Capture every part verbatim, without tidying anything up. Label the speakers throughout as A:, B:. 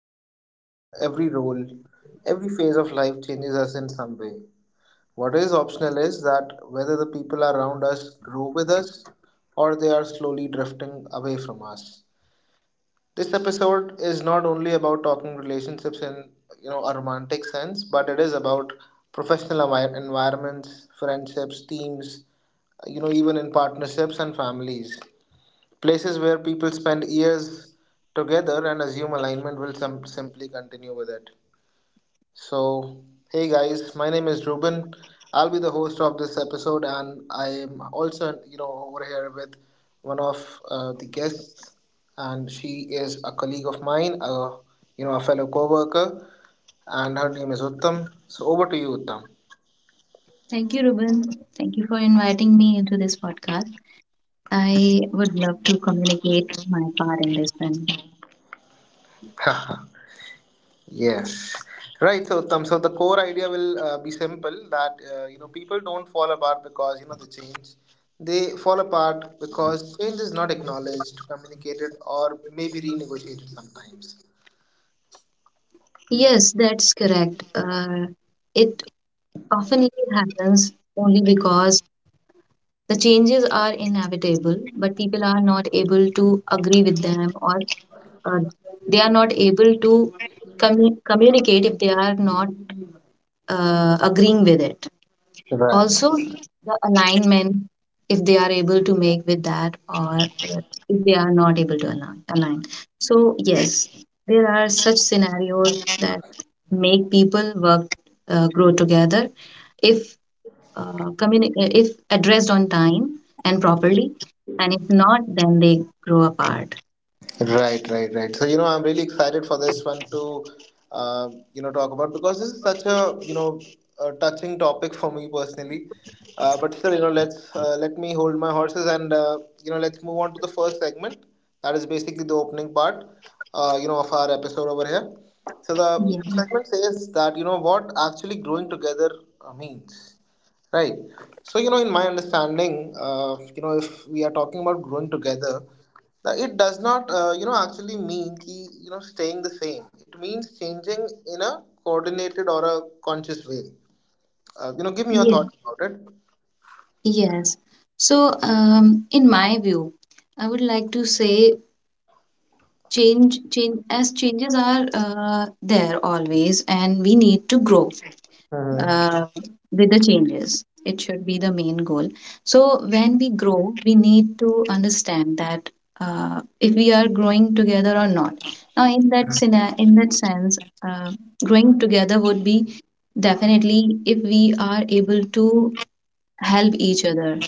A: Every year, every role, every phase of life changes us in some way. What is optional is that whether the people around us grow with us or they are slowly drifting away from us. This episode is not only about talking relationships in you know a romantic sense, but it is about professional envi- environments, friendships, teams, you know even in partnerships and families. Places where people spend years together and assume alignment will some simply continue with it. So, hey guys, my name is Ruben. I'll be the host of this episode, and I am also, you know, over here with one of uh, the guests, and she is a colleague of mine, a you know, a fellow co-worker, and her name is Uttam. So, over to you, Uttam.
B: Thank you, Ruben. Thank you for inviting me into this podcast. I would love to communicate my part in this one.
A: Yes, right. So, Uttam, so the core idea will uh, be simple that uh, you know people don't fall apart because you know the change. They fall apart because change is not acknowledged, communicated, or maybe renegotiated sometimes.
B: Yes, that's correct. Uh, it often happens only because the changes are inevitable, but people are not able to agree with them, or uh, they are not able to commu- communicate if they are not uh, agreeing with it.
A: Right.
B: Also the alignment, if they are able to make with that, or uh, if they are not able to align, align. So yes, there are such scenarios that make people work, uh, grow together if uh, communi- uh, if addressed on time and properly, and if not, then they grow apart.
A: Right, right, right. So you know, I'm really excited for this one to, uh, you know, talk about because this is such a you know a touching topic for me personally. Uh, but still, you know, let's uh, let me hold my horses and uh, you know let's move on to the first segment. That is basically the opening part, uh, you know, of our episode over here. So the
B: Yeah.
A: segment says that you know what actually growing together uh, means. Right. So, you know, in my understanding, uh, you know, if we are talking about growing together, now, it does not, uh, you know, actually mean ki, you know staying the same. It means changing in a coordinated or a conscious way. Uh, you know, give me your
B: yeah
A: thoughts about it.
B: yes. So um, in my view, I would like to say change change as changes are uh, there always, and we need to grow
A: Mhm.
B: uh, with the changes. It should be the main goal. So when we grow, we need to understand that uh, if we are growing together or not. Now in that scenario, in that sense, uh, growing together would be, definitely, if we are able to help each other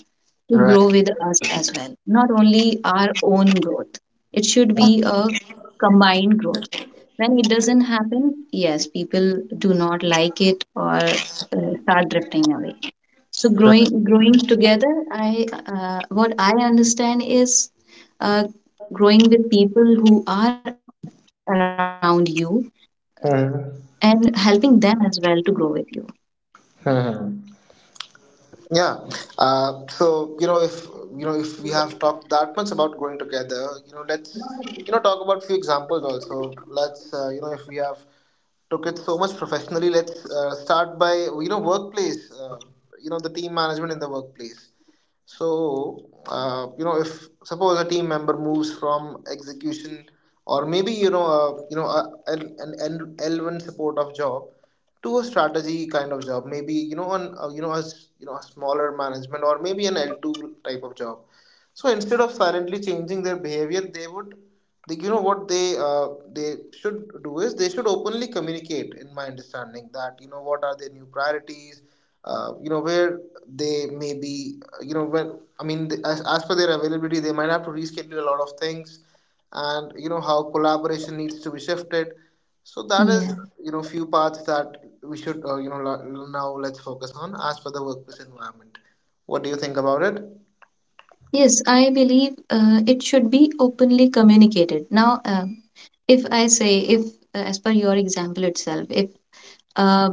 B: to grow
A: Right.
B: with us as well. Not only our own growth, it should be a combined growth. When it doesn't happen, yes, people do not like it, or uh, start drifting away. So
A: Right.
B: growing, growing together, I, uh, what I understand is uh, growing with people who are around you and helping
A: Mhm.
B: them as well to grow with you.
A: Mhm. Yeah. Uh, so you know, if you know, if we have talked that much about growing together, you know, let's you know talk about few examples also. Let's uh, you know, if we have took it so much professionally, let's uh, start by you know workplace. Uh, you know, the team management in the workplace. So, uh, you know, if suppose a team member moves from execution or maybe, you know, uh, you know, a, an an L one support of job to a strategy kind of job, maybe, you know, on, uh, you know, as, you know, a smaller management or maybe an L two type of job. So instead of silently changing their behavior, they would, they, you know, what they uh, they should do is they should openly communicate. In my understanding, that you know what are their new priorities, uh, you know where they may be, uh, you know when I mean the- as as per their availability, they might have to reschedule a lot of things, and you know how collaboration needs to be shifted. So that
B: Yeah.
A: is you know few parts that we should uh, you know lo- now let's focus on as per the workplace environment. What do you think about it?
B: Yes, I believe uh, it should be openly communicated. Now, um, if I say, if uh, as per your example itself, if uh,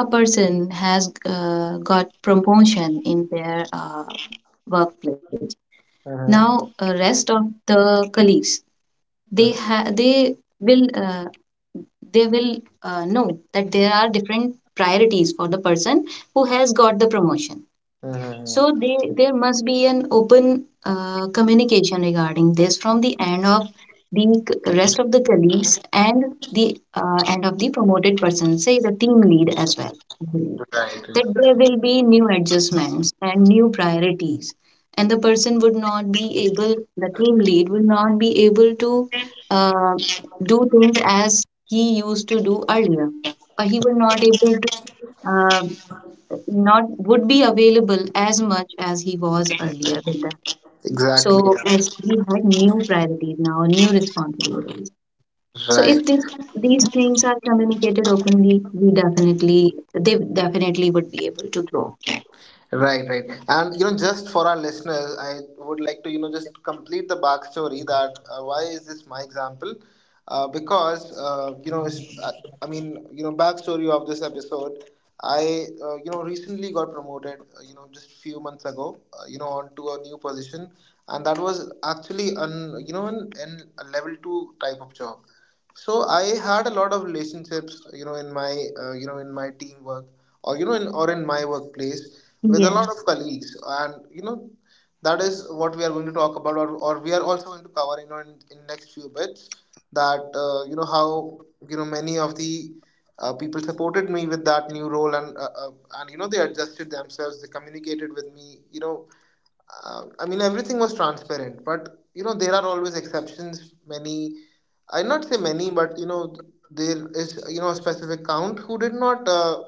B: a person has uh, got promotion in their uh, workplace, now uh,
A: Mm-hmm.
B: rest of the colleagues, they ha- they will uh, they will uh, know that there are different priorities for the person who has got the promotion.
A: Mhm.
B: So they, there must be an open uh, communication regarding this from the end of the c- rest of the colleagues, and the uh, end of the promoted person, say the team lead as well. I believe
A: Right. Right.
B: that there will be new adjustments and new priorities, and the person would not be able, the team lead will not be able to uh, do things as he used to do earlier, or he will not able to. uh, Not would be available as much as he was earlier with them.
A: Exactly.
B: So
A: Yeah.
B: as we had new priorities now, new responsibilities. So
A: Right.
B: if this these things are communicated openly, we definitely, they definitely would be able to grow.
A: Right. Right. And you know, just for our listeners, I would like to you know just complete the backstory that uh, why is this my example? Uh, because uh, you know, it's, uh, I mean, you know, backstory of this episode. I uh, you know recently got promoted. Uh, you know, just few months ago. Uh, you know, onto a new position, and that was actually an you know an, an a level two type of job. So I had a lot of relationships you know in my uh, you know in my teamwork or you know in or in my workplace with a lot of
B: Yes,
A: colleagues, and you know that is what we are going to talk about or, or we are also going to cover you know in, in next few bits that uh, you know how you know many of the uh, people supported me with that new role and uh, uh, and you know they adjusted themselves, they communicated with me, you know uh, I mean, everything was transparent, but you know, there are always exceptions. Many, I not say many, but you know, there is you know a specific count who did not uh,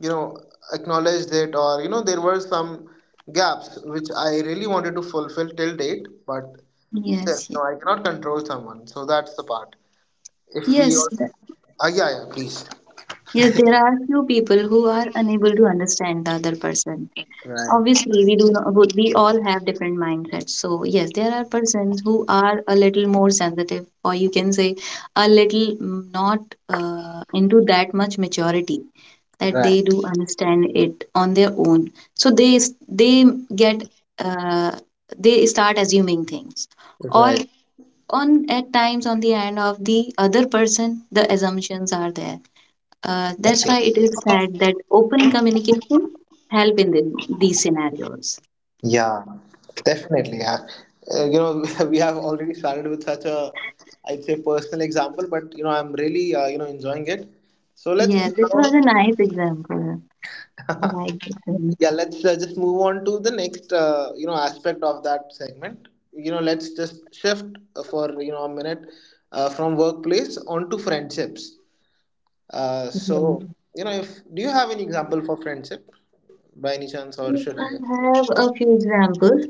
A: you know acknowledge it, or you know, there were some gaps which I really wanted to fulfill till date, but still,
B: yes,
A: you
B: yes.
A: know, I cannot control someone, so that's the part. If we,
B: Yes,
A: all,
B: th-
A: uh, Yeah, yeah, please.
B: yes, there are few people who are unable to understand the other person.
A: Right,
B: Obviously, we do not, would, we all have different mindsets. So yes, there are persons who are a little more sensitive, or you can say a little mm, not uh, into that much maturity, that
A: right,
B: they do understand it on their own. So they s- they get, uh, they start assuming things, or
A: right.
B: on, at times on the end of the other person, the assumptions are there. Uh, that's why it is said that open communication help in the, these scenarios.
A: Yeah, definitely. Yeah. Uh, you know, we have already started with such a, I'd say, personal example, but you know, I'm really, uh, you know, enjoying it. So let's
B: Yes, it
A: now,
B: was a nice example. I like this one.
A: yeah, let's uh, just move on to the next, uh, you know, aspect of that segment. You know, let's just shift uh, for you know a minute uh, from workplace onto friendships. Uh, so
B: Yeah.
A: you know, if Do you have any example for friendship by any chance, or
B: Yes,
A: should I?
B: I have a few examples.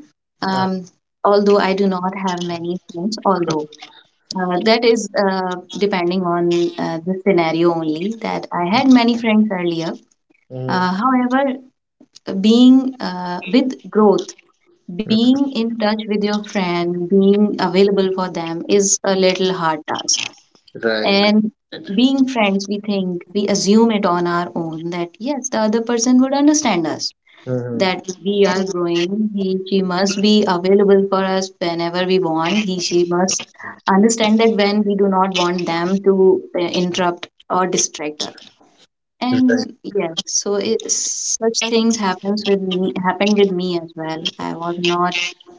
A: Uh,
B: Um, although I do not have many friends, although uh, that is uh, depending on uh, the scenario only, that I had many friends earlier.
A: mm.
B: Uh, however, being uh, with growth,
A: Mm.
B: being in touch with your friend, being available for them is a little hard task.
A: Right.
B: And being friends, we think, we assume it on our own that yes, the other person would understand us,
A: Hmm.
B: that we are growing. He, she must be available for us whenever we want. He, she must understand that when we do not want them to uh, interrupt or distract us, and yeah, so it, such things happens with me happened with me as well. I was not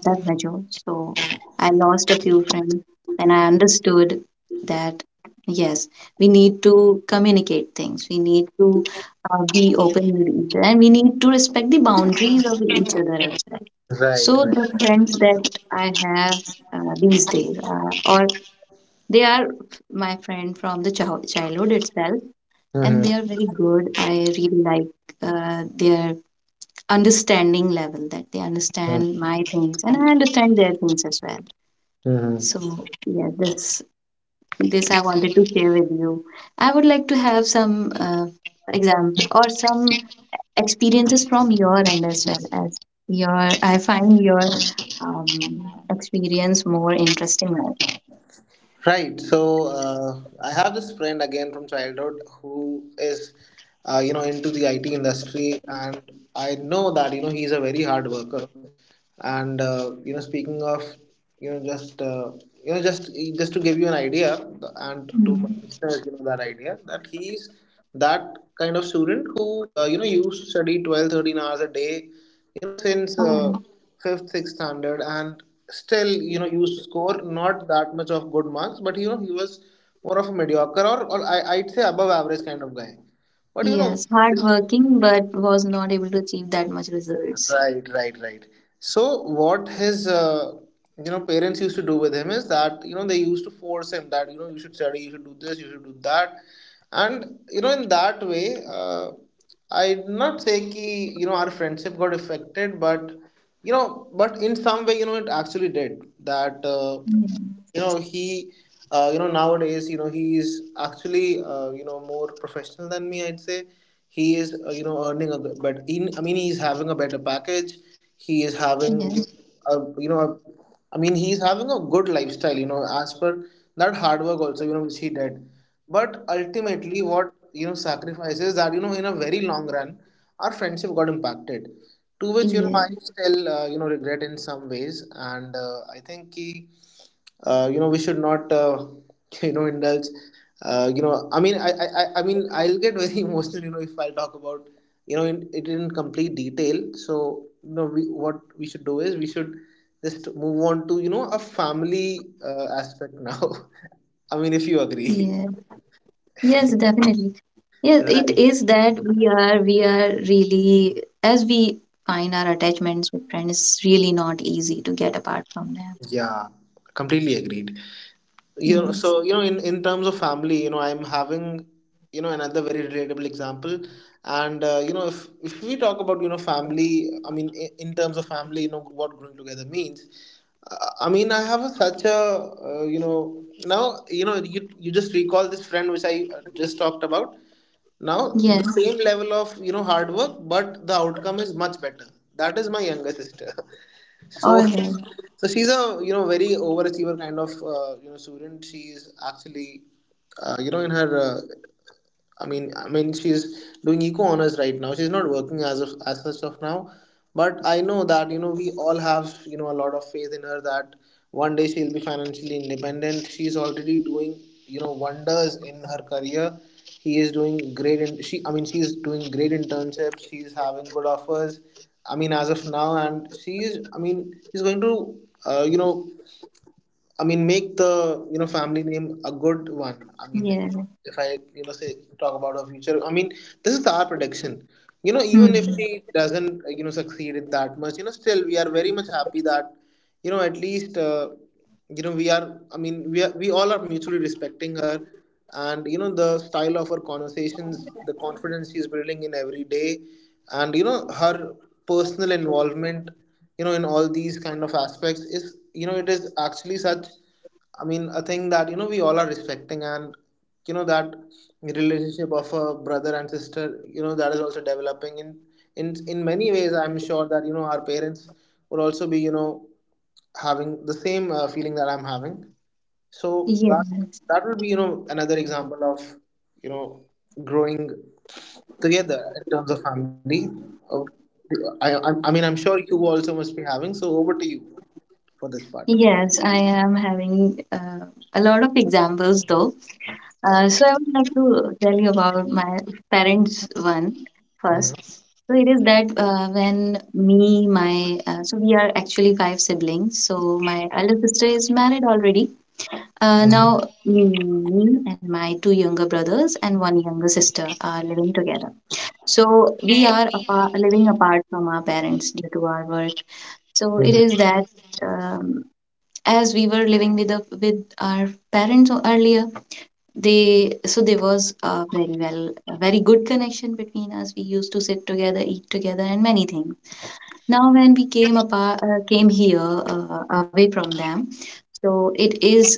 B: that mature, so I lost a few friends. Then I understood that yes, we need to communicate things. We need to uh, be open with each other, and we need to respect the boundaries of each other as well. So
A: Right.
B: the
A: Right.
B: friends that I have uh, these days, uh, or they are f- my friend from the child childhood itself, and
A: Hmm.
B: they are very good. I really like uh, their understanding level, that they understand my things and I understand their things as well.
A: Mm-hmm.
B: So yeah, this this I wanted to share with you. I would like to have some uh, example or some experiences from your end as well, as your. I find your um, experience more interesting.
A: Right. So uh, I have this friend again from childhood who is, uh, you know, into the I T industry, and I know that you know he's a very hard worker. And uh, you know speaking of you know just uh, you know just just to give you an idea and to my
B: Mm.
A: listeners, you know that idea that he's that kind of student who uh, you know used to study twelve thirteen hours a day you know since
B: Oh,
A: uh, fifth sixth standard, and still you know used to score not that much of good marks, but you know he was more of a mediocre, or, or I, i'd say above average kind of guy, but you know
B: yes, hardworking but was not able to achieve that much results.
A: Right, right, right. So what his uh, you know parents used to do with him is that you know they used to force him that you know you should study, you should do this, you should do that, and you know in that way, uh, I not say ki you know our friendship got affected, but you know but in some way you know it actually did that. Uh,
B: Mm.
A: you know he uh, you know Nowadays you know he is actually uh, you know more professional than me, I'd say. He is uh, you know earning a good, but in I mean, he's having a better package. He is
B: Yeah.
A: having a, you know a, I mean he's having a good lifestyle you know as per that hard work also, you know which he did, but ultimately what you know sacrifices that you know in a very long run our friendship got impacted, to which you know I
B: Yeah,
A: still uh, you know regret in some ways. And uh, I think he uh, you know we should not uh, you know indulge uh, you know i mean I, I i I mean I'll get very emotional you know if I talk about you know in, it in complete detail. So you know we what we should do is we should just move on to you know a family uh, aspect now. I mean, if you agree.
B: yeah, yes, definitely. Yes, it
A: Right.
B: is that we are we are really, as we find our attachments with friends, it's really not easy to get apart from them.
A: Yeah, completely agreed. you know
B: Yes,
A: so you know in in terms of family, you know I'm having you know another very relatable example. And uh, you know if if we talk about you know family, I mean, i- in terms of family, you know what growing together means. uh, I mean, I have a, such a uh, you know now, you know you you just recall this friend which I uh, just talked about now.
B: yeah,
A: The same level of you know hard work, but the outcome is much better. That is my younger sister.
B: all
A: So,
B: right,
A: so she's a you know very overachiever kind of uh, you know student. She's actually uh, you know in her uh, I mean, I mean, she's doing eco honors right now. She's not working as of as such of now, but I know that you know we all have you know a lot of faith in her that one day she'll be financially independent. She's already doing you know wonders in her career. He is doing great, and she I mean, she's doing great internships. She's having good offers. I mean, as of now, and she is. I mean, she's going to uh, you know I mean make the you know family name a good one. I mean,
B: yeah,
A: if I you know say talk about her future, I mean this is our prediction. You know, even if
B: hmm.
A: she doesn't uh, you know succeed in that much, you know, still we are very much happy that you know at least uh, you know we are. I mean, we are we all are mutually respecting her, and you know the style of her conversations, the confidence she is building in every day, and you know her personal involvement you know in all these kind of aspects is you know it is actually such, I mean, a thing that you know we all are respecting, and you know that relationship of a brother and sister, you know that is also developing in in in many ways. I'm sure that you know our parents would also be you know having the same uh, feeling that I'm having. So that
B: Yes,
A: that would be you know another example of you know growing together in terms of family. Oh, I I, I mean I'm sure you also must be having. So over to you for this part.
B: yes. I am having uh, a lot of examples though. Uh, so I would like to tell you about my parents one
A: Mhm.
B: first. So it is that uh, when me, my uh, so we are actually five siblings. So my elder sister is married already. Uh, now me and my two younger brothers and one younger sister are living together. So we are apart, living apart from our parents due to our work. So it
A: Mhm.
B: is that um, as we were living with the, with our parents earlier, they, so there was a very well, a very good connection between us. We used to sit together, eat together, and many things. Now when we came apart, uh, came here uh, away from them, so it is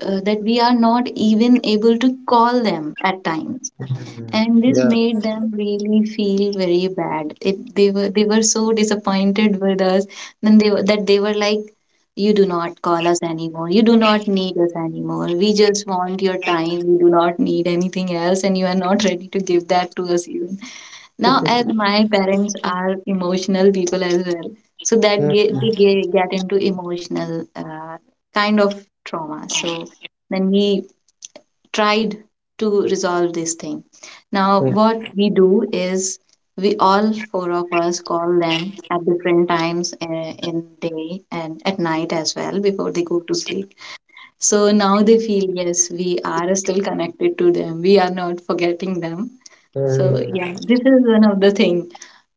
B: uh, that we are not even able to call them at times,
A: Mm.
B: and this
A: Yeah.
B: made them really feel very bad. If they were, they were so disappointed with us, then they were, that they were like, you do not call us anymore, you do not need us anymore, we just want your time, we do not need anything else, and you are not ready to give that to us even. Now, as my parents are emotional people as well, so
A: Mm,
B: that
A: mm,
B: get, they get, get into emotional uh, kind of trauma. So then we tried to resolve this thing. Now,
A: mm,
B: what we do is, we all four of us call them at different times, uh, in day and at night as well, before they go to sleep. So now they feel, yes, we are still connected to them. We are not forgetting them. So yeah,
A: mm,
B: this is one of the thing.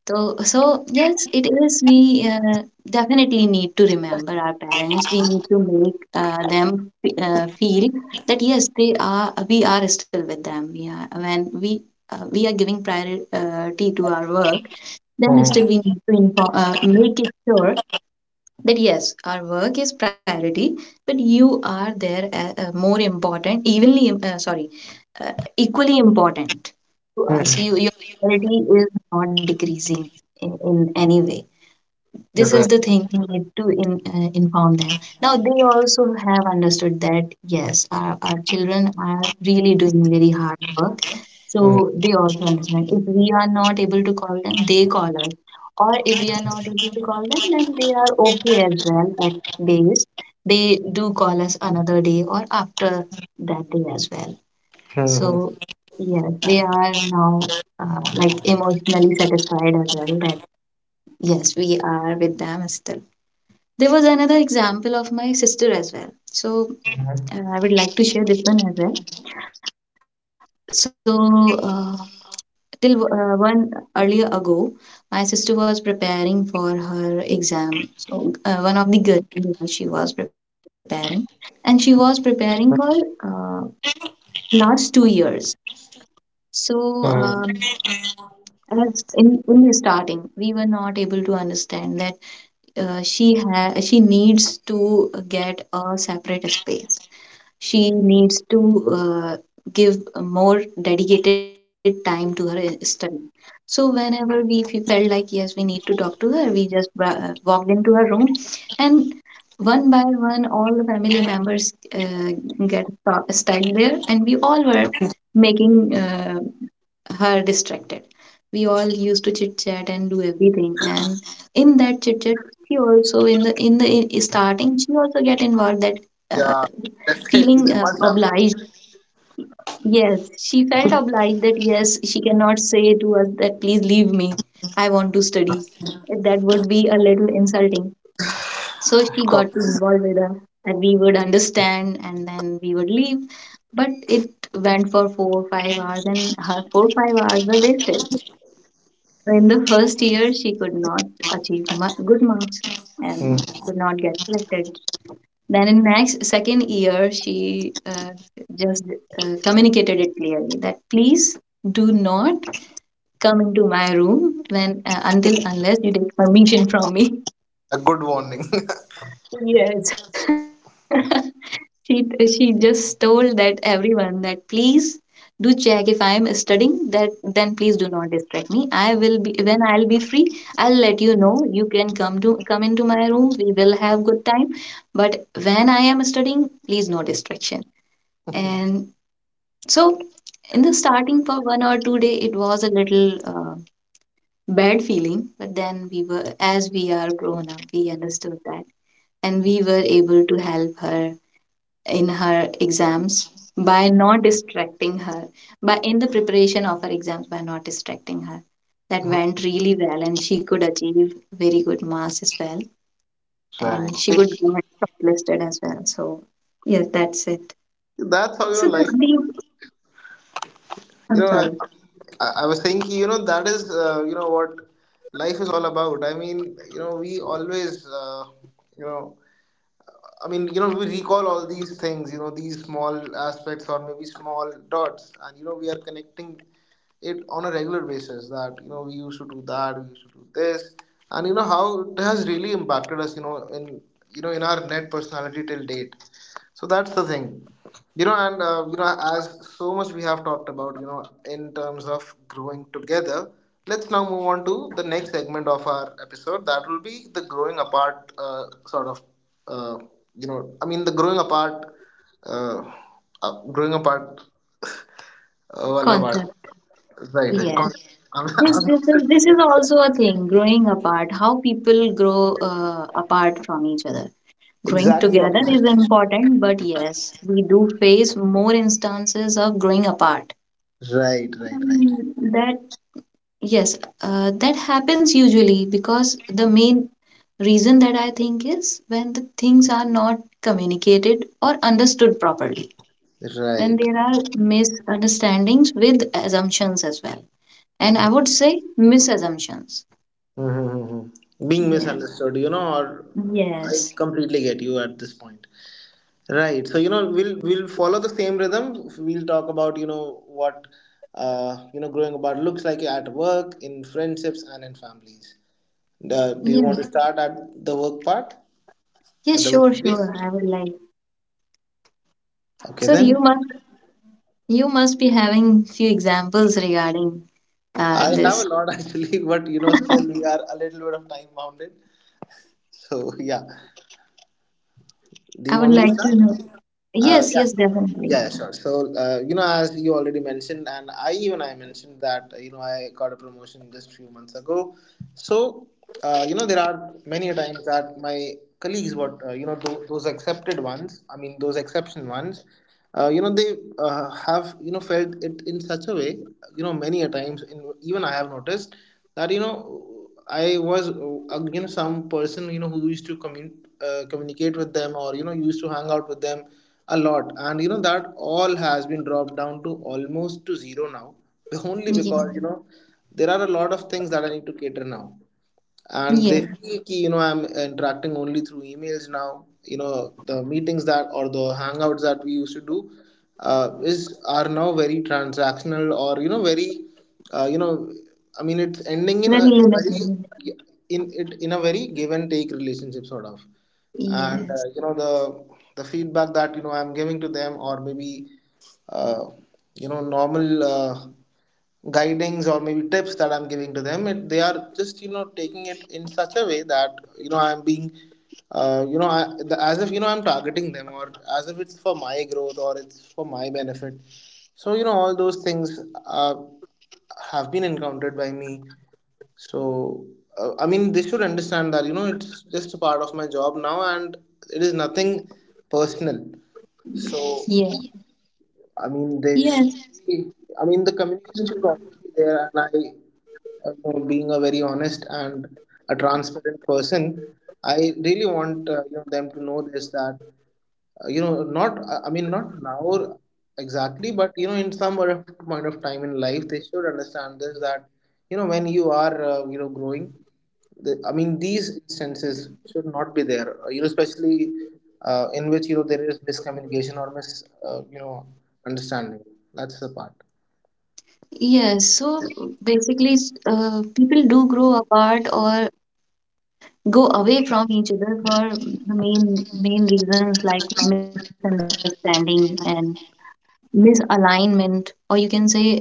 B: So, so yes, it is. We uh, definitely need to remember our parents. We need to make uh, them fe- uh, feel that yes, they are, we are still with them. Yeah, when we uh, we are giving priority uh, to our work, then still we
A: mm,
B: need to inform, uh, make it sure that yes, our work is priority, but you are there uh, uh, more important, evenly, im- uh, sorry, uh, equally important to us.
A: mm.
B: You, your priority is not decreasing in, in any way.
A: You're
B: This is
A: right.
B: the thing we need to in, uh, inform them. Now, they also have understood that yes, our, our children are really doing very hard work,
A: Mm,
B: so they also understand. If we are not able to call them, they call us. Or if we are not able to call them, then they are okay as well at days. They do call us another day or after that day as well. So
A: mm,
B: yes, they are now uh, like emotionally satisfied as well, that yes, we are with them still. There was another example of my sister as well. So uh, I would like to share this one as well. So uh, till uh, one earlier ago, my sister was preparing for her exam. So, uh, one of the government exams she was preparing, and she was preparing for uh, last two years. So,
A: mm.
B: um, as in in the starting, we were not able to understand that uh, she ha- she needs to get a separate space, she needs to uh, give more dedicated time to her study. So whenever we, if we felt like yes, we need to talk to her, we just bra- walked into her room, and one by one all the family members uh, get sta- stacked there, and we all were making uh, her distracted. We all used to chit chat and do everything, and in that chit chat, she also, in the, in the, in starting, she also get involved. That uh,
A: Yeah, definitely
B: feeling
A: they
B: uh,
A: must have.
B: obliged. Yes, she felt obliged that yes, she cannot say to us that please leave me. I want to study. That would be a little insulting. So she got to involve with us, and we would understand, and then we would leave. But it went for four or five hours, and her four or five hours were wasted. In the first year, she could not achieve ma- good marks, and she
A: Mm.
B: could not get selected. Then in next second year, she uh, just uh, communicated it clearly that please do not come into my room when uh, until unless you take permission from me.
A: A good warning.
B: Yes. she she just told that everyone that please do check if I am studying, that then please do not distract me. I will be when I'll be free, I'll let you know. You can come to come into my room, we will have good time. But when I am studying, please no distraction. And so in the starting for one or two day it was a little uh, bad feeling, but then we were, as we are grown up, we understood that, and we were able to help her in her exams by not distracting her, by in the preparation of her exams by not distracting her. That
A: Hmm.
B: went really well, and she could achieve very good marks as well, and she could get shortlisted as well. So yes, that's it.
A: That's how you know
B: So the
A: life.
B: big,
A: Works. You
B: I'm
A: know, I,
B: sorry,
A: I I was thinking, you know, that is uh, you know what life is all about. I mean, you know, we always uh, you know. I mean, you know, we recall all these things, you know, these small aspects or maybe small dots, and you know, we are connecting it on a regular basis, that you know we used to do that, we used to do this, and you know how it has really impacted us, you know, in you know in our net personality till date. So that's the thing, you know, and uh, you know, as so much we have talked about, you know, in terms of growing together. Let's now move on to the next segment of our episode. That will be the growing apart, uh, sort of, uh, you know, I mean, the growing apart, uh, uh, growing apart, uh, well, apart.
B: concept.
A: Right, right. Con-
B: Yes,
A: I'm,
B: this,
A: I'm
B: this is this is also a thing, growing apart, how people grow uh, apart from each other. Growing
A: exactly
B: together is
A: opposite.
B: important, but yes, we do face more instances of growing apart.
A: Right, right, right,
B: Mm, that yes, uh, that happens usually because the main reason that I think is when the things are not communicated or understood properly, when
A: right.
B: there are misunderstandings with assumptions as well, and I would say misassumptions.
A: Mm-hmm. Being
B: Yeah.
A: misunderstood, you know, or, I
B: Yes.
A: completely get you at this point. Right. So, you know, we'll we'll follow the same rhythm. We'll talk about, you know, what uh, you know, growing about looks like at work, in friendships and in families. Uh, do you
B: Yes.
A: want to start at the work part? At
B: Yes.
A: the
B: Sure.
A: workplace?
B: Sure. I would like.
A: Okay
B: So you
A: then.
B: must you must be having few examples regarding uh,
A: I have a
B: this.
A: lot, actually, but you know, still we are a little bit of time bounded. So yeah. Do
B: I
A: you
B: would
A: want me to
B: like
A: start?
B: to know.
A: Uh,
B: Yes.
A: yeah,
B: Yes. Definitely.
A: yeah, yeah, sure. So, uh, you know, as you already mentioned, and I even I mentioned that uh, you know I got a promotion just few months ago. So, uh, you know, there are many a times that my colleagues, what uh, you know, tho- those accepted ones, I mean, those exception ones, uh, you know they uh, have you know felt it in such a way. You know many a times, in, even I have noticed that you know I was, uh, you know some person you know who used to commun- uh, communicate with them, or you know used to hang out with them a lot, and you know that all has been dropped down to almost to zero now, only because
B: Yeah.
A: you know there are a lot of things that I need to cater now, and they
B: Yeah.
A: feel ki, you know I'm interacting only through emails now. You know the meetings that, or the hangouts that we used to do, uh, is are now very transactional, or you know very, uh, you know I mean, it's ending in a
B: Very
A: very
B: limited.
A: in it in a very give and take relationship sort of. And uh,
B: Yes,
A: you know the the feedback that you know I'm giving to them, or maybe uh, you know normal uh, guidings or maybe tips that I'm giving to them, It, they are just you know taking it in such a way that you know I'm being, uh, you know, I, the, as if you know I'm targeting them, or as if it's for my growth or it's for my benefit. So you know all those things uh, have been encountered by me. So uh, I mean, they should understand that you know it's just a part of my job now and it is nothing personal. So
B: yeah,
A: I mean they.
B: yes,
A: Sh- I mean, the communication should always be there, and I, uh, you know, being a very honest and a transparent person, I really want uh, you know them to know this, that uh, you know not uh, I mean, not now exactly, but you know in some sort of point of time in life they should understand this, that you know when you are, uh, you know growing, the, I mean, these instances should not be there. uh, You know especially, uh, in which you know there is miscommunication, or mis uh, you know understanding. That's the part.
B: yes. So basically, s- uh, people do grow apart or go away from each other for the main main reasons like misunderstanding and misalignment, or you can say uh,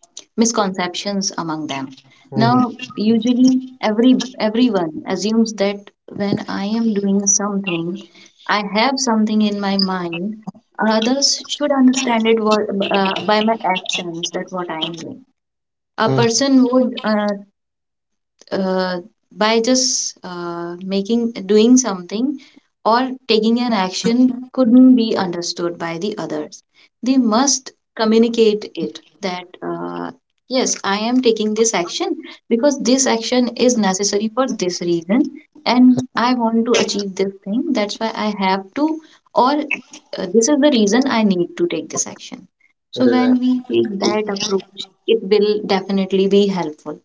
B: misconceptions among them. Now,
A: Mm-hmm.
B: usually every everyone assumes that when I am doing something, I have something in my mind. Others should understand it what, uh, by my actions, that what I am doing. A
A: Hmm.
B: person would uh, uh, by just uh, making doing something or taking an action couldn't be understood by the others. They must communicate it that uh, yes, I am taking this action because this action is necessary for this reason and I want to achieve this thing, that's why I have to, or uh, this is the reason I need to take this action. So when
A: Correct.
B: we take that approach, it will definitely be helpful.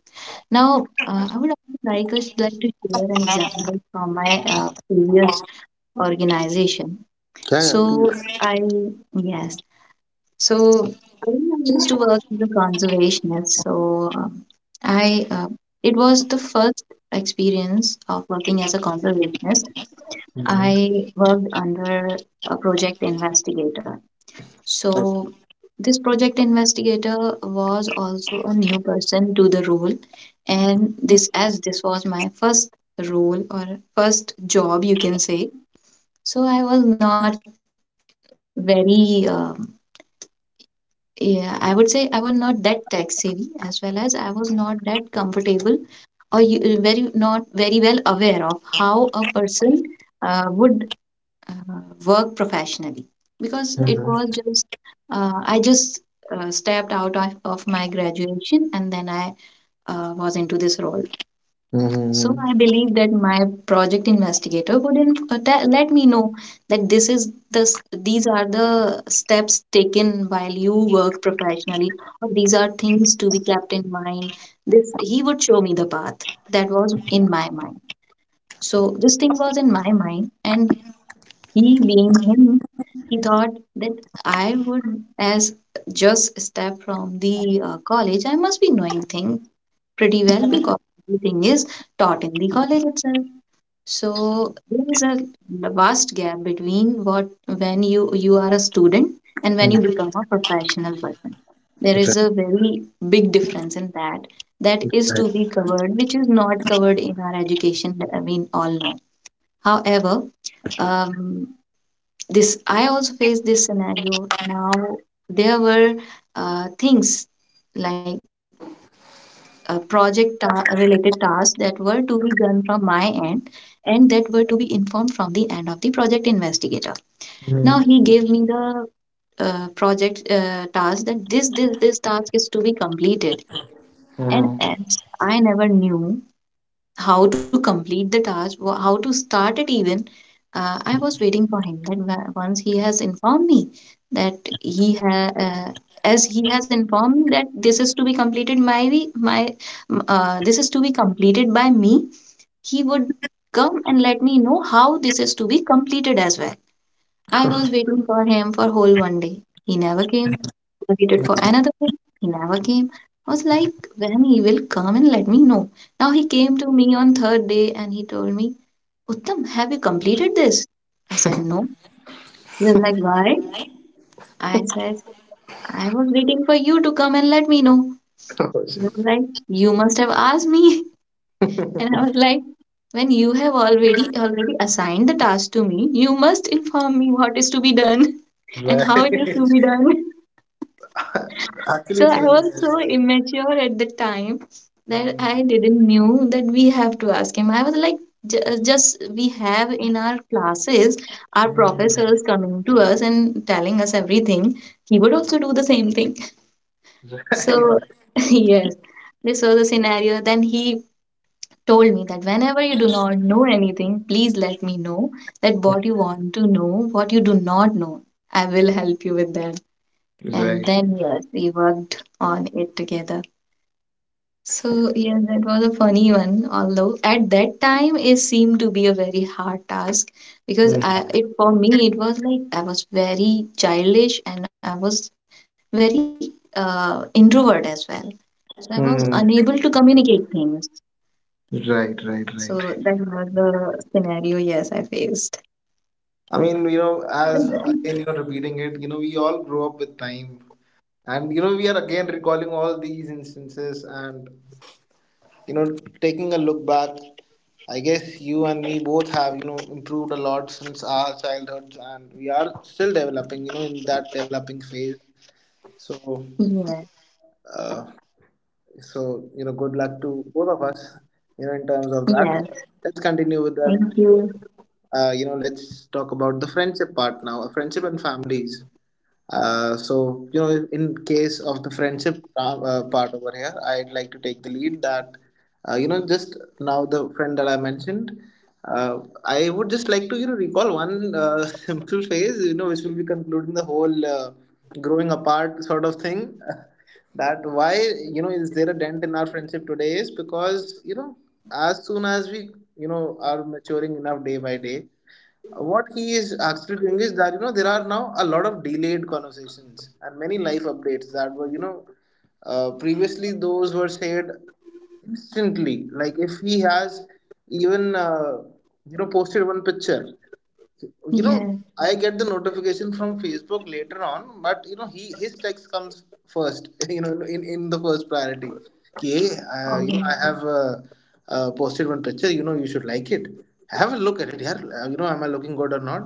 B: Now, uh, I would also like us like to share an example from my uh, previous organization.
A: Yeah, yeah,
B: So
A: please.
B: I yes, so I used to work as a conservationist. So um, I uh, it was the first experience of working as a conservationist. I worked under a project investigator. So, this project investigator was also a new person to the role, and this as this was my first role or first job, you can say. So, I was not very, um, yeah, I would say I was not that tech savvy, as well as I was not that comfortable or you, very not very well aware of how a person uh, would uh, work professionally, because it
A: Mhm.
B: was just uh, I just uh, stepped out of, of my graduation, and then i uh, was into this role. So
A: Mhm.
B: I believe that my project investigator would inf- uh, te- let me know that this is the s- these are the steps taken while you work professionally, or these are things to be kept in mind. This he would show me the path. That was in my mind. So this thing was in my mind, and he, being him, he thought that I would, as just a step from the uh, college, I must be knowing things pretty well because everything is taught in the college itself. So there is a vast gap between what when you you are a student and when you become a professional person. There is a very big difference in that. That is to be
A: Right.
B: covered, which is not covered in our education. I mean, all know. However, um, this I also faced this scenario. Now there were uh, things like uh, project ta- related tasks that were to be done from my end, and that were to be informed from the end of the project investigator. Now he gave me the uh, project uh, task, that this this this task is to be completed. And
A: Mm-hmm.
B: as I never knew how to complete the task, wh- how to start it even. Uh, I was waiting for him. That wa- once he has informed me that he ha- uh, as he has informed me that this is to be completed, my we- my m- uh, this is to be completed by me, he would come and let me know how this is to be completed as well. I was waiting for him for whole one day. He never came. I waited for another day. He never came. I was like, when he will come and let me know. Now he came to me on third day and he told me, Uttam, have you completed this? I said, no. He was like, why? I said, I was waiting for you to come and let me know. He was like, you must have asked me. And I was like, when you have already already assigned the task to me, you must inform me what is to be done and how it is to
A: Right.
B: be done.
A: Actually,
B: So
A: it's
B: I
A: making
B: was
A: sense.
B: so immature at the time that I didn't knew that we have to ask him. I was like, "Ju- just we have in our classes our
A: Mm-hmm.
B: professors coming to us and telling us everything. He would also do the same thing.
A: Right.
B: So yes, this was the scenario. Then he told me that whenever you do not know anything, please let me know that what you want to know, what you do not know. I will help you with that. And
A: Right.
B: then yes, we worked on it together. So yes, that was a funny one. Although at that time it seemed to be a very hard task because I it for me it was like I was very childish, and I was very uh, introvert as well. So I was unable to
A: Mm-hmm.
B: communicate things.
A: Right,
B: So that
A: right, right.
B: was the scenario. Yes, I faced.
A: I mean, you know,
B: But
A: as
B: then—
A: again you're repeating it, you know, we all grow up with time. And you know, we are again recalling all these instances, and you know taking a look back, I guess you and me both have you know improved a lot since our childhoods, and we are still developing, you know in that developing phase. So
B: Yeah.
A: uh, so you know good luck to both of us, you know in terms of that.
B: Yeah.
A: Let's continue with that.
B: Thank you.
A: Uh, you know let's talk about the friendship part now, uh, friendship and families. Uh, so you know, in case of the friendship, uh, uh, part over here, I'd like to take the lead that, uh, you know, just now, the friend that I mentioned, uh, I would just like to you know recall one, uh, simple phase, you know, which will be concluding the whole, uh, growing apart sort of thing. That, why you know is there a dent in our friendship today is because you know as soon as we you know are maturing enough day by day, what he is actually doing is that, you know there are now a lot of delayed conversations and many life updates that were, you know uh, previously those were said instantly. Like, if he has even, uh, you know posted one picture, you know
B: Yeah.
A: I get the notification from Facebook later on, but you know he his text comes first, you know in in the first priority. Okay, uh, you know
B: Oh.
A: I have, uh, uh, posted one picture, you know you should like it, have a look at it, yeah, uh, you know am I looking good or not.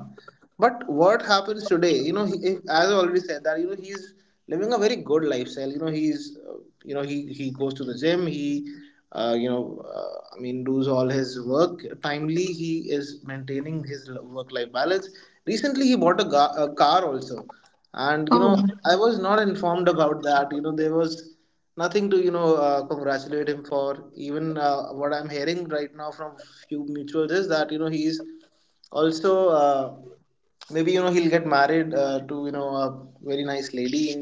A: But what happens today? You know, he, if, as I already said that, you know he's living a very good lifestyle. You know, he's, uh, you know he he goes to the gym. He, uh, you know uh, I mean, does all his work timely. He is maintaining his work life balance. Recently, he bought a, ga- a car also, and you know
B: Oh.
A: I was not informed about that. You know there was nothing to you know uh, congratulate him for. Even, uh, what I'm hearing right now from few mutuals is that you know he's also, Uh, maybe you know he'll get married, uh, to, you know a very nice lady in,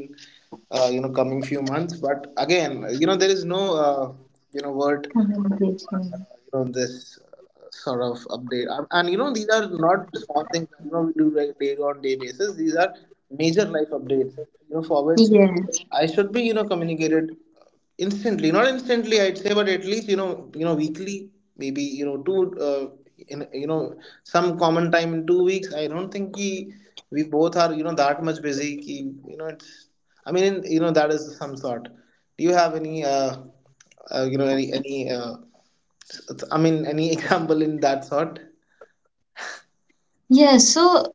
A: uh, you know coming few months. But again, you know there is no, uh, you know word,
B: Communication.
A: you know this, uh, sort of update. And, and you know these are not small things that, you know we do like day on day basis. These are major life updates, you know for which
B: Yes.
A: I should be, you know communicated instantly, not instantly, I'd say, but at least, you know you know weekly, maybe, you know two, uh, in, you know some common time in two weeks. I don't think ki, we both are, you know that much busy, ki, you know it's I mean, you know that is some sort. Do you have any, uh, uh you know any any uh, I mean, any example in that sort?
B: Yes. So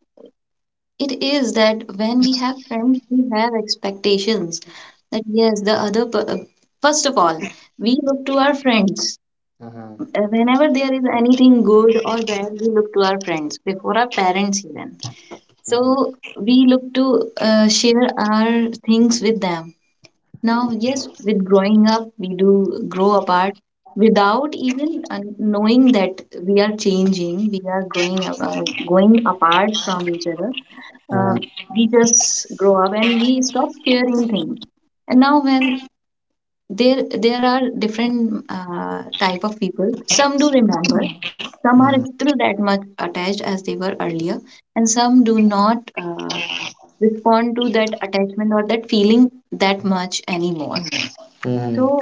B: it is that when we have friends, we have expectations that yes, the other per- uh, first of all, we look to our friends. Uh,
A: Mhm.
B: Whenever there is anything good or bad, we look to our friends before our parents even.
A: Mhm.
B: So we look to uh, share our things with them. Now, yes, with growing up, we do grow apart without even uh, knowing that we are changing, we are growing up, uh, going apart from each other. Um we just grow up and we stop sharing things. And now, when there there are different uh, type of people, some do remember, some are still that much attached as they were earlier, and some do not uh, respond to that attachment or that feeling that much anymore.
A: Mhm.
B: So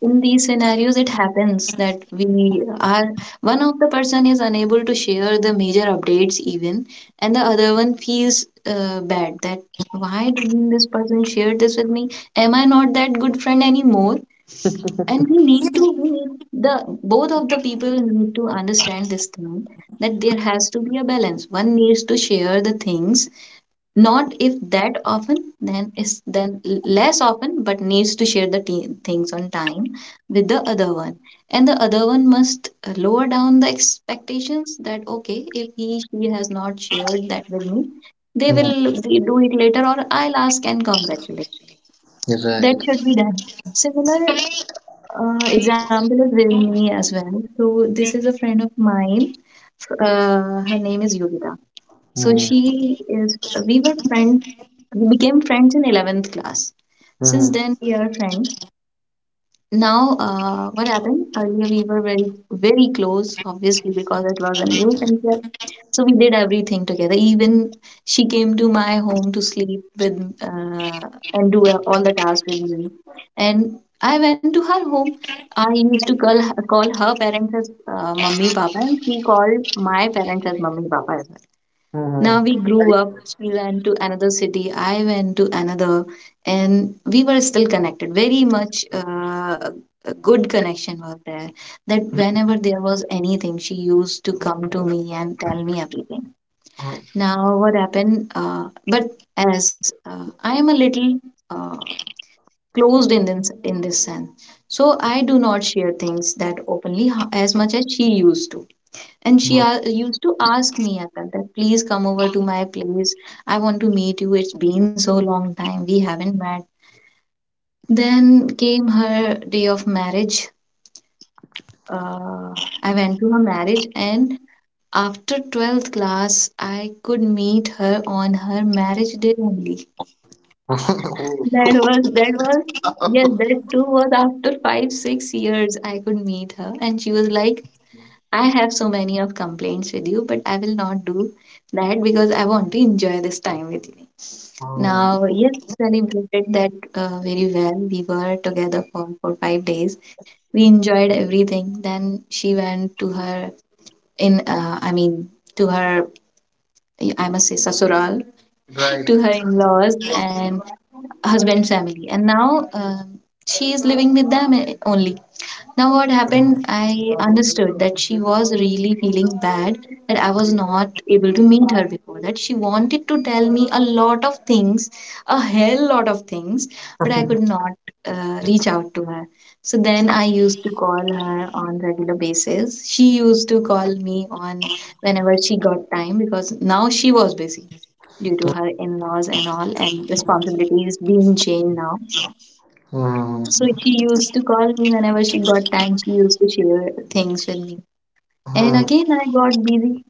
B: in these scenarios it happens that we are, one of the person is unable to share the major updates even, and the other one feels uh, bad that why didn't this person share this with me, am I not that good friend anymore. And we need to we need the both of the people need to understand this thing, that there has to be a balance. One needs to share the things, not if that often, then is then l- less often, but needs to share the t- things on time with the other one, and the other one must uh, lower down the expectations that okay, if he she has not shared that with me, they
A: Mhm.
B: will d- do it later, or I'll ask and congratulate.
A: You're right.
B: That should be done. Similar uh, example is with me as well. So this is a friend of mine. F- Uh, her name is Yuvita. So
A: Mhm.
B: she is, we were friends, we became friends in eleventh class. Since
A: Mhm.
B: then, we are friends. Now, uh, what happened? Earlier, we were very, very close, obviously, because it was a new concept. So we did everything together. Even she came to my home to sleep with uh, and do all the tasks with me. And I went to her home. I used to call her, call her parents as uh, mummy papa, and she called my parents as mummy papa. Now
A: Mhm.
B: we grew up, she went to another city, I went to another, and we were still connected. Very much uh, a good connection was there. That whenever there was anything, she used to come to me and tell me everything. Now, what happened? Uh, but as uh, I am a little uh, closed in this, in this sense, so I do not share things that openly ho- as much as she used to, and she a- used to ask me at that, that please come over to my place. I want to meet you. It's been so long time. We haven't met. Then came her day of marriage. Uh, I went to her marriage, and after twelfth class, I could meet her on her marriage day only.
A: Mhm.
B: That was, that was, yes, that too was after five, six years I could meet her. And she was like, I have so many of complaints with you, but I will not do that because I want to enjoy this time with you. Now, yes, celebrated that uh, very well. We were together for for five days. We enjoyed everything. Then she went to her in, uh, I mean, to her, I must say, sasural,
A: Right.
B: to her in-laws and husband family. And now um she is living with them uh, only. Now, what happened, I understood that she was really feeling bad that I was not able to meet her before that. She wanted to tell me a lot of things, a hell lot of things, but I could not uh, reach out to her. So then I used to call her on regular basis. She used to call me on whenever she got time because now she was busy due to
A: Mhm.
B: her in-laws and all, and responsibilities being changed now, so she used to call me whenever she got time. She used to share things with me. And
A: Mhm.
B: again, I got busy.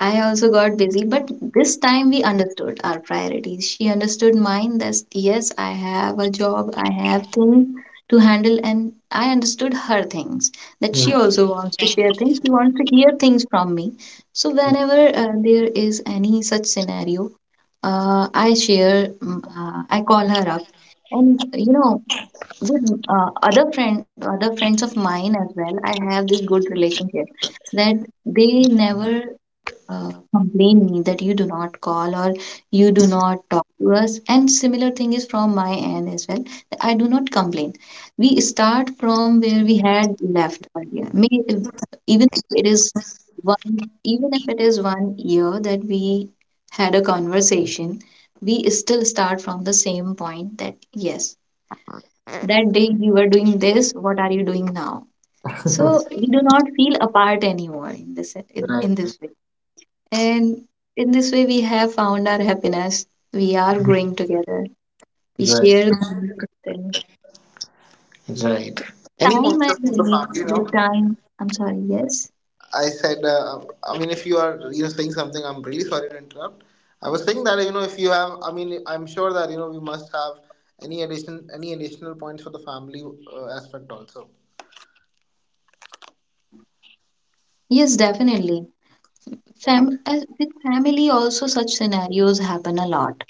B: I also got busy, but this time we understood our priorities. She understood mine that yes, I have a job, I have things to handle, and I understood her things that she
A: Mhm.
B: also wants to share things. She wants to hear things from me. So, whenever uh, there is any such scenario, uh, I share, mm, uh, I call her up, and you know with uh, other friend other friends of mine as well, I have this good relationship that they never uh, complain me that you do not call or you do not talk to us, and similar thing is from my end as well, that I do not complain. We start from where we had left earlier May, even if it is one even if it is one year that we had a conversation, we still start from the same point that yes, that day you were doing this, what are you doing now? So we do not feel apart anymore in this, in, in this way. And in this way we have found our happiness. We are growing together. We
A: Right.
B: share things still.
A: Right. Any
B: Time
A: points
B: I
A: up for the
B: believe.
A: family now?
B: With time, I'm sorry. Yes,
A: I said, uh, I mean, if you are, you know saying something, I'm really sorry to interrupt. I was saying that, you know if you have, I mean, I'm sure that you know we must have any addition, any additional points for the family, uh, aspect also.
B: yes, definitely. Fam- as with family also, such scenarios happen a lot.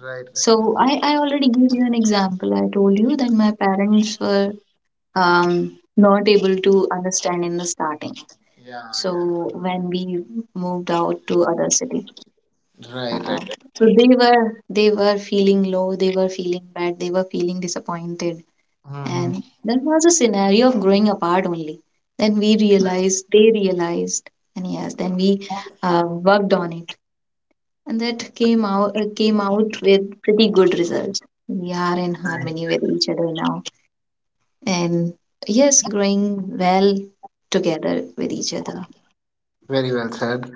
A: Right, right, right.
B: So i i already gave you an example. I told you that my parents were um, not able to understand in the starting.
A: Yeah, yeah.
B: So when we moved out to other city,
A: Right,
B: uh,
A: right,
B: so
A: right.
B: they were they were feeling low, they were feeling bad, they were feeling disappointed,
A: Hmm.
B: and that was a scenario of growing apart only. Then we realized, they realized, and yes, then we uh, worked on it, and that came out uh, came out with pretty good results. We are in harmony with each other now, and yes, growing well together with each other.
A: Very well said.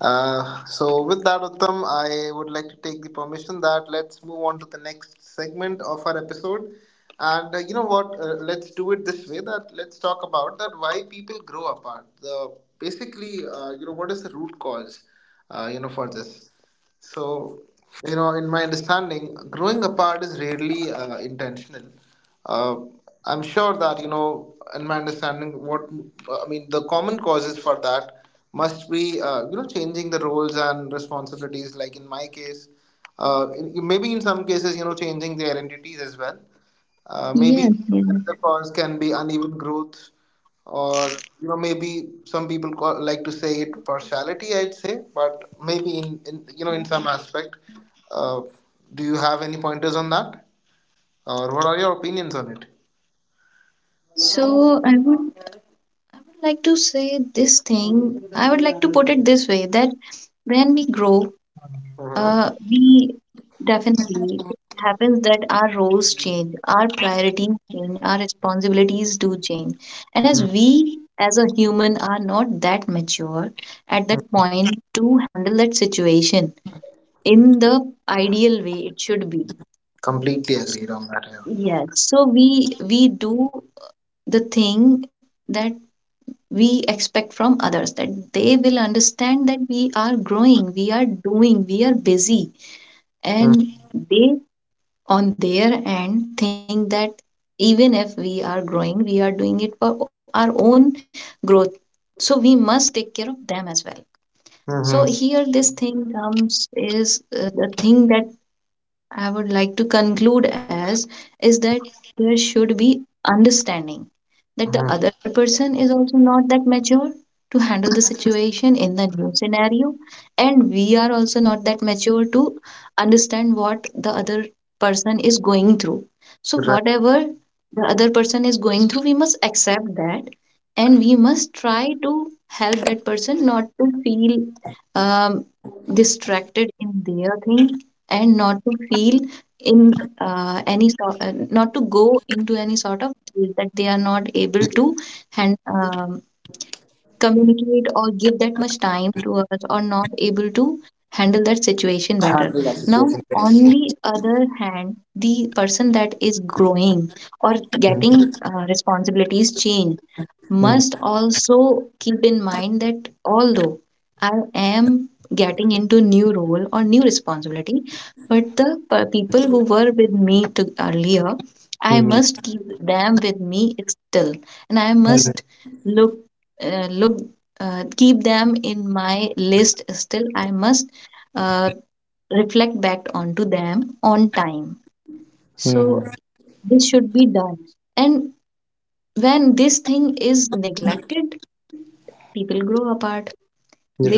A: Uh, so with that, Uttam, I would like to take the permission that let's move on to the next segment of our episode. And uh, you know what? Uh, let's do it this way. That let's talk about that why people grow apart. The Basically, uh, you know, what is the root cause? Uh, you know, for this. So, you know, in my understanding, growing apart is rarely uh, intentional. Uh, I'm sure that, you know, in my understanding, what I mean, the common causes for that must be, uh, you know, changing the roles and responsibilities, like in my case. Uh, in, maybe in some cases, you know, changing the identities as well. Uh,
B: Yes,
A: maybe
B: yes.
A: another cause can be uneven growth, or you know maybe some people call, like to say it partiality, I'd say, but maybe in, in you know in some aspect. uh, do you have any pointers on that, or what are your opinions on it?
B: So I would like to say this thing. I would like to put it this way, that when we grow,
A: Mm-hmm.
B: uh, we definitely it happens that our roles change, our priorities change, our responsibilities do change, and as we, as a human, are not that mature at that point to handle that situation in the ideal way it should be.
A: Completely agreed on that, yeah.
B: Yes, so we we do the thing that we expect from others, that they will understand that we are growing, we are doing, we are busy, and they on their end think that even if we are growing, we are doing it for our own growth, so we must take care of them as well. So
A: Mm-hmm.
B: here this thing comes is, uh, the thing that I would like to conclude as is that there should be understanding that the
A: Mm-hmm.
B: other person is also not that mature to handle the situation in the new scenario, and we are also not that mature to understand what the other person is going through. So
A: Right.
B: whatever the other person is going through, we must accept that, and we must try to help that person not to feel um, distracted in their thing, and not to feel in uh, any sort uh, not to go into any sort of, is that they are not able to hand, um, communicate or give that much time to us, or not able to handle that situation
A: Handle
B: better.
A: that situation,
B: Now,
A: yes, yes.
B: on the other hand, the person that is growing or
A: Mm-hmm.
B: getting uh, responsibilities change must also keep in mind that although I am getting into new role or new responsibility, but the p- people who were with me to earlier, I
A: Mm-hmm.
B: must keep them with me still, and I must look uh, look uh, keep them in my list still. I must uh, reflect back onto them on time. So
A: Mm-hmm.
B: this should be done, and when this thing is neglected, people grow apart.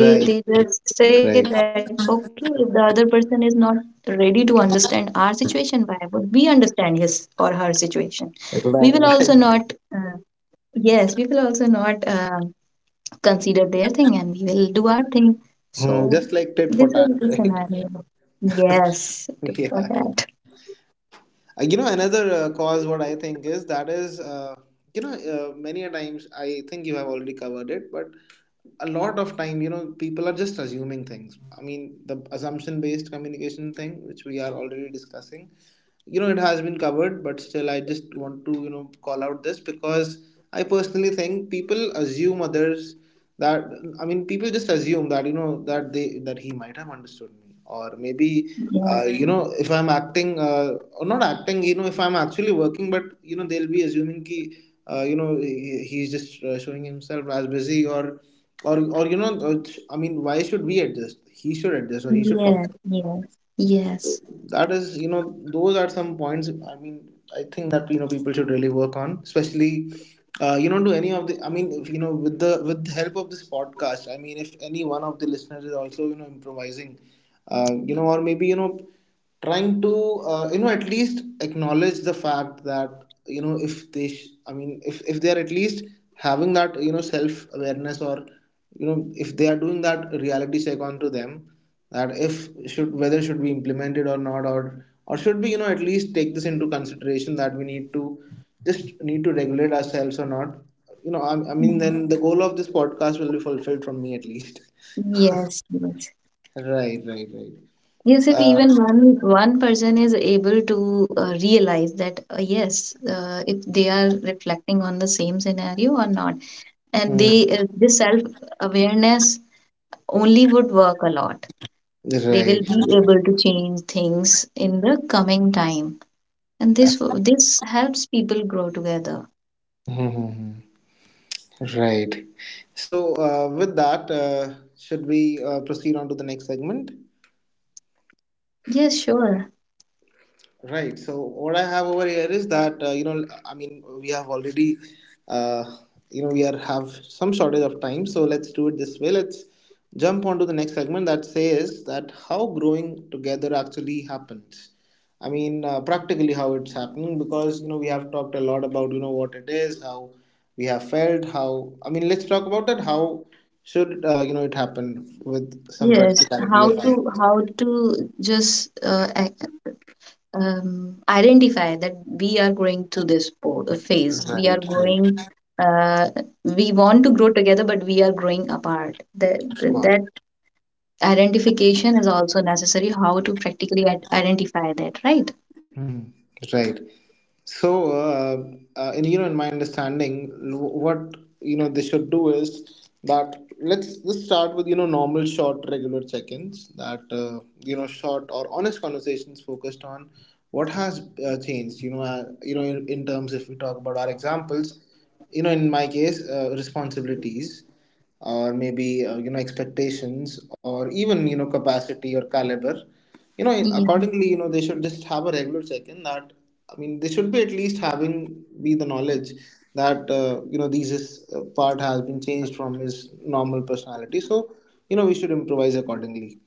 B: they they just say that
A: Right.
B: okay, if the other person is not ready to understand our situation, why would we understand his or her situation? We will also not
A: Right,
B: uh,
A: right.
B: yes, we will also not uh, consider their thing, and we will do our thing. So
A: Mm, just
B: this
A: like
B: is
A: tit
B: the
A: for tat, right?
B: scenario. Yes, it is for that.
A: Yeah. Uh, you know, another uh, cause what I think is that is, uh, you know, uh, many a times I think you have already covered it, but a lot of time, you know, people are just assuming things. I mean, the assumption based communication thing, which we are already discussing. You know it has been covered, but still I just want to, you know call out this, because I personally think people assume others, that I mean, people just assume that you know that they that he might have understood me, or maybe
B: Yes,
A: uh, you know if I'm acting, uh, or not acting, you know if I'm actually working, but you know they'll be assuming ki, uh, you know he- he's just uh, showing himself as busy, or or or you know uh, I mean, why should we adjust? He should adjust, or he should.
B: yes, yes, yes,
A: That is, you know those are some points I mean I think that you know people should really work on, especially uh, you know, do any of the, I mean, if you know with the with the help of this podcast, I mean, if any one of the listeners is also you know improvising, uh, you know or maybe you know trying to uh, you know at least acknowledge the fact that you know if they sh- I mean, if if they are at least having that you know self awareness, or you know if they are doing that reality check onto them, that if should, whether should be implemented or not, or or should we you know at least take this into consideration that we need to just need to regulate ourselves or not, you know I, I mean, then the goal of this podcast will be fulfilled from me at least.
B: yes, yes.
A: Right, right, right.
B: Yes, if
A: uh,
B: even one one person is able to uh, realize that uh, yes, uh, if they are reflecting on the same scenario or not, and
A: hmm.
B: they uh, this self awareness only would work a lot. They will
A: Right.
B: be able to change things in the coming time, and this w- this helps people grow together.
A: Hmm, hmm, hmm. Right. So, uh, with that uh, should we uh, proceed on to the next segment?
B: Yes, sure.
A: Right. So what I have over here is that, uh, you know I mean, we have already uh, you know we are have some shortage of time. So let's do it this way. Let's jump onto the next segment that says that how growing together actually happens. I mean, uh, practically how it's happening, because you know we have talked a lot about you know what it is, how we have felt, how, I mean, let's talk about that. How should, uh, you know it happen with some
B: Yes,
A: practicality
B: how
A: of, right,
B: to how to just uh, um, identify that we are going through this po- uh, phase. We are
A: right,
B: going, uh, we want to grow together, but we are growing apart. That,
A: of
B: that,
A: course.
B: that identification is also necessary, how to practically ad- identify that, right?
A: Mhm. Right. So, uh, uh, in you know, in my understanding, l- what you know they should do is that, let's let's start with you know normal short regular check-ins, that, uh, you know short or honest conversations focused on what has uh, changed. You know, uh, you know, in, in terms if we talk about our examples, you know, in my case, uh, responsibilities, or maybe uh, you know expectations, or even you know capacity or caliber. you know
B: Yeah.
A: Accordingly, you know they should just have a regular check-in, that I mean, they should be at least having be the knowledge that uh, you know these is uh, part has been changed from his normal personality. So you know we should improvise accordingly.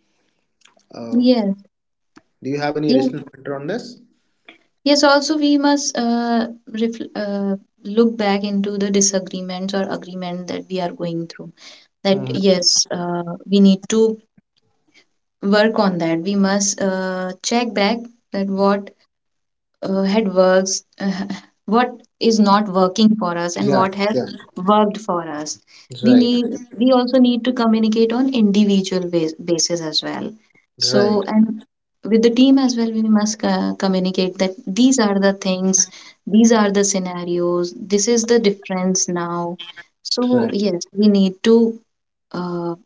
A: uh,
B: Yes.
A: do you have any
B: Yes.
A: additional pointer on this?
B: Yes. Also, we must uh, refl- uh, look back into the disagreements or agreement that we are going through. That,
A: Mhm.
B: yes, uh, we need to work on that. We must uh, check back that what uh, had works uh, what is not working for us and
A: Yeah,
B: what has
A: yeah.
B: worked for us. we
A: Right.
B: need we also need to communicate on individual bas- basis as well. So,
A: Right.
B: and with the team as well, we must uh, communicate that these are the things, these are the scenarios, this is the difference now. So
A: Right.
B: yes, we need to uh,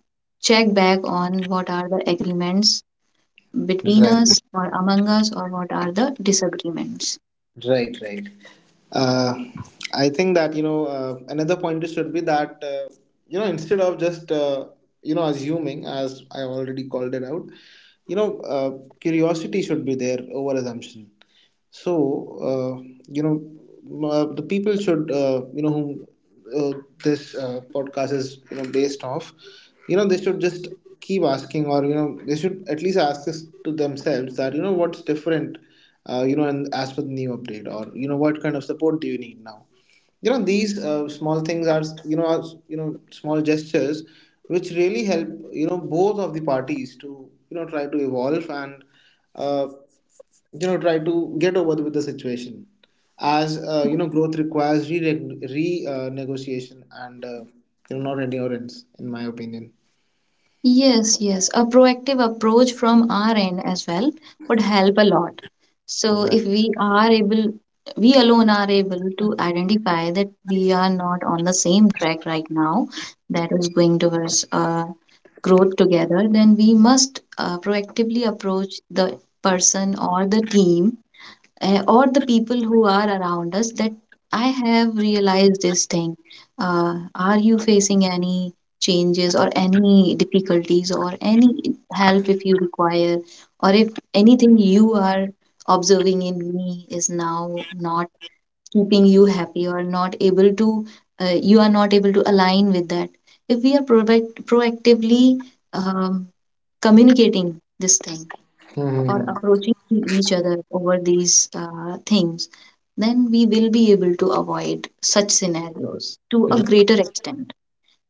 B: check back on what are the agreements between
A: Right.
B: us or among us, or what are the disagreements.
A: Right. Right. uh, I think that you know uh, another point is should be that, uh, you know instead of just, uh, you know assuming, as I already called it out, you know uh, curiosity should be there over assumption. So uh, you know m- uh, the people should, uh, you know whom uh, this uh, podcast is, you know based off, you know they should just keep asking, or you know they should at least ask this to themselves, that you know what's different, uh, you know and as per the new update, or you know what kind of support do you need now. You know these uh, small things are, you know are, you know small gestures, which really help you know both of the parties to you know try to evolve and uh, you know try to get over with the situation, as, uh, you know growth requires re, re uh, negotiation and, uh, you know not endurance, in my opinion.
B: Yes, yes. A proactive approach from our end as well would help a lot. So if
A: Right.
B: we are able, we alone are able to identify that we are not on the same track right now, that is going towards uh, growth together, then we must uh, proactively approach the person or the team, eh, or the people who are around us, that I have realized this thing. Uh, are you facing any changes or any difficulties, or any help if you require, or if anything you are observing in me is now not keeping you happy or not able to, uh, you are not able to align with that? If we are proact- proactively um, communicating this thing or
A: Hmm.
B: approaching each other over these uh, things, then we will be able to avoid such scenarios to a greater extent.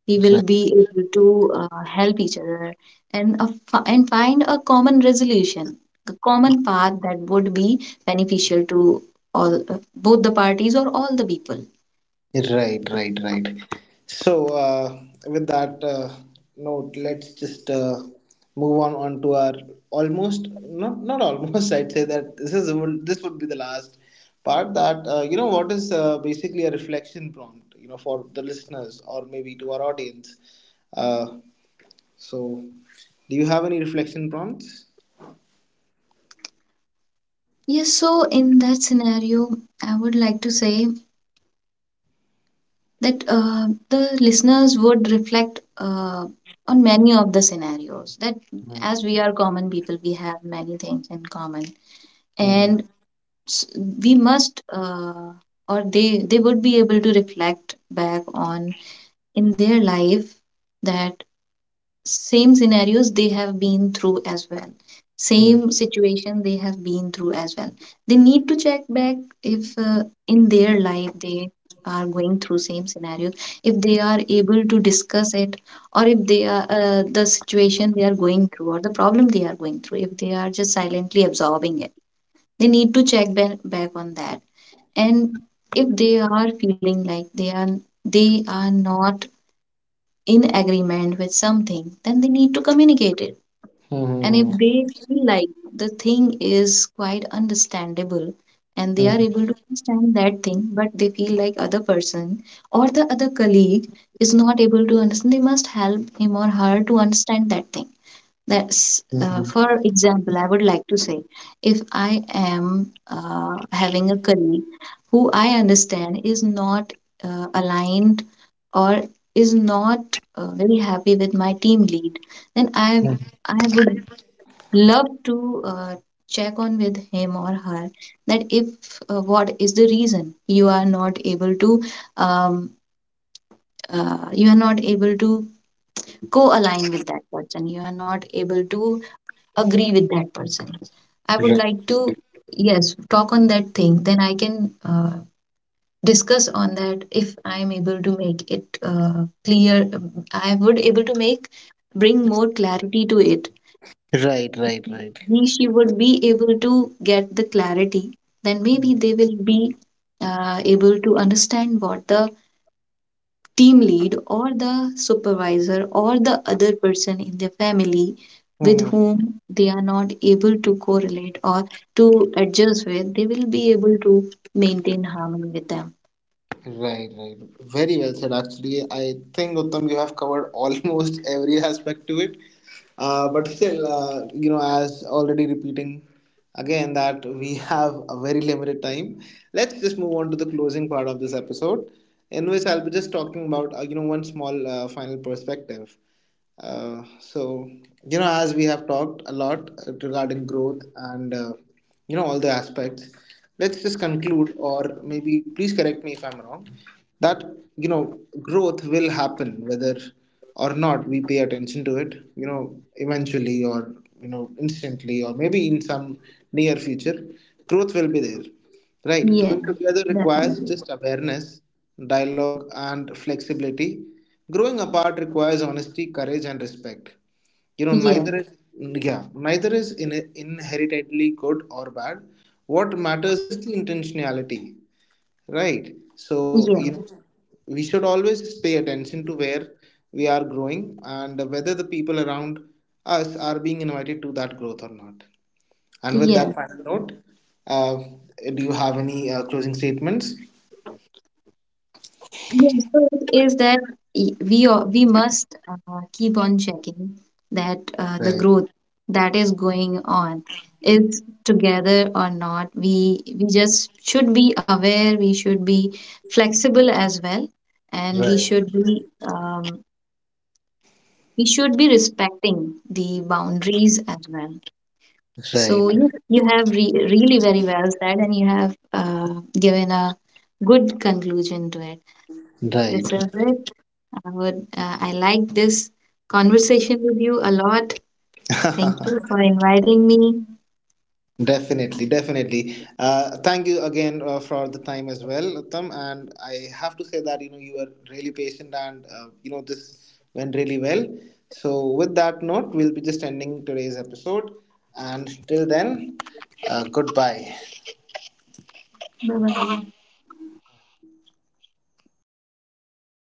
B: We will
A: Right.
B: be able to uh, help each other, and a fi- and find a common resolution, a common path that would be beneficial to all, uh, both the parties or all the people.
A: Right, right, right. So, uh, with that uh, note, let's just uh, move on on to our almost, not not almost. I'd say that this is this would be the last part. That, uh, you know what is uh, basically a reflection prompt. You know, for the listeners, or maybe to our audience. Uh, so, do you have any reflection prompts?
B: Yes, so in that scenario, I would like to say that uh, the listeners would reflect uh, on many of the scenarios, that as we are common people, we have many things in common,
A: Mhm.
B: and s- we must uh, or they they would be able to reflect back on in their life, that same scenarios they have been through as well,
A: Mhm.
B: same situation they have been through as well. They need to check back, if uh, in their life they are going through same scenarios, if they are able to discuss it, or if they are uh, the situation they are going through or the problem they are going through, if they are just silently absorbing it, they need to check back, back on that. And if they are feeling like they are they are not in agreement with something, then they need to communicate it. And if they feel like the thing is quite understandable and they are
A: Mhm.
B: able to understand that thing, but they feel like other person or the other colleague is not able to understand, they must help him or her to understand that thing. That's, uh,
A: Mhm.
B: for example, I would like to say, if I am uh, having a colleague who I understand is not uh, aligned, or is not uh, very happy with my team lead, then I
A: Mhm.
B: I would love to uh, check on with him or her, that if uh, what is the reason you are not able to um, uh, you are not able to co-align with that person, you are not able to agree with that person. I would like to, yes, talk on that thing, then I can uh, discuss on that. If I am able to make it uh, clear, um, I would able to make, bring more clarity to it.
A: Right,
B: If
A: right, right.
B: he, she would be able to get the clarity, then maybe they will be uh, able to understand what the team lead or the supervisor or the other person in their family with
A: Mm-hmm.
B: whom they are not able to correlate or to adjust with, they will be able to maintain harmony with them.
A: Right, right. Very well said. Actually, I think Uttam, you have covered almost every aspect to it. Uh, but still, uh, you know, as already repeating again that we have a very limited time. Let's just move on to the closing part of this episode, in which I'll be just talking about uh, you know one small uh, final perspective. Uh, so you know as we have talked a lot uh, regarding growth and, uh, you know all the aspects, let's just conclude, or maybe please correct me if I'm wrong, that you know growth will happen whether or not we pay attention to it, you know eventually, or you know instantly, or maybe in some near future, growth will be there, right?
B: Yeah,
A: Growing together requires
B: definitely.
A: just awareness, dialogue and flexibility. Growing apart requires honesty, courage, and respect. You know,
B: Yeah,
A: neither is, yeah, neither is in, inherently good or bad. What matters is the intentionality, right? So
B: yeah,
A: you know, we should always pay attention to where we are growing, and whether the people around us are being invited to that growth or not. And with
B: yeah.
A: that final note, uh, do you have any uh, closing statements?
B: Yes, so it is that y- we a- we must uh, keep on checking that uh, the
A: Right,
B: growth that is going on is together or not. We we just should be aware. We should be flexible as well, and we
A: right,
B: should be um, we should be respecting the boundaries as well.
A: right,
B: So you you have re- really very well said, and you have uh, given a good conclusion to it. This is
A: right.
B: it. I would. Uh, I like this conversation with you a lot. Thank you for inviting me.
A: Definitely, definitely. Uh, thank you again uh, for the time as well, Uttam. And I have to say that you know you were really patient, and, uh, you know this went really well. So with that note, we'll be just ending today's episode. And till then, uh, goodbye.
B: Bye bye.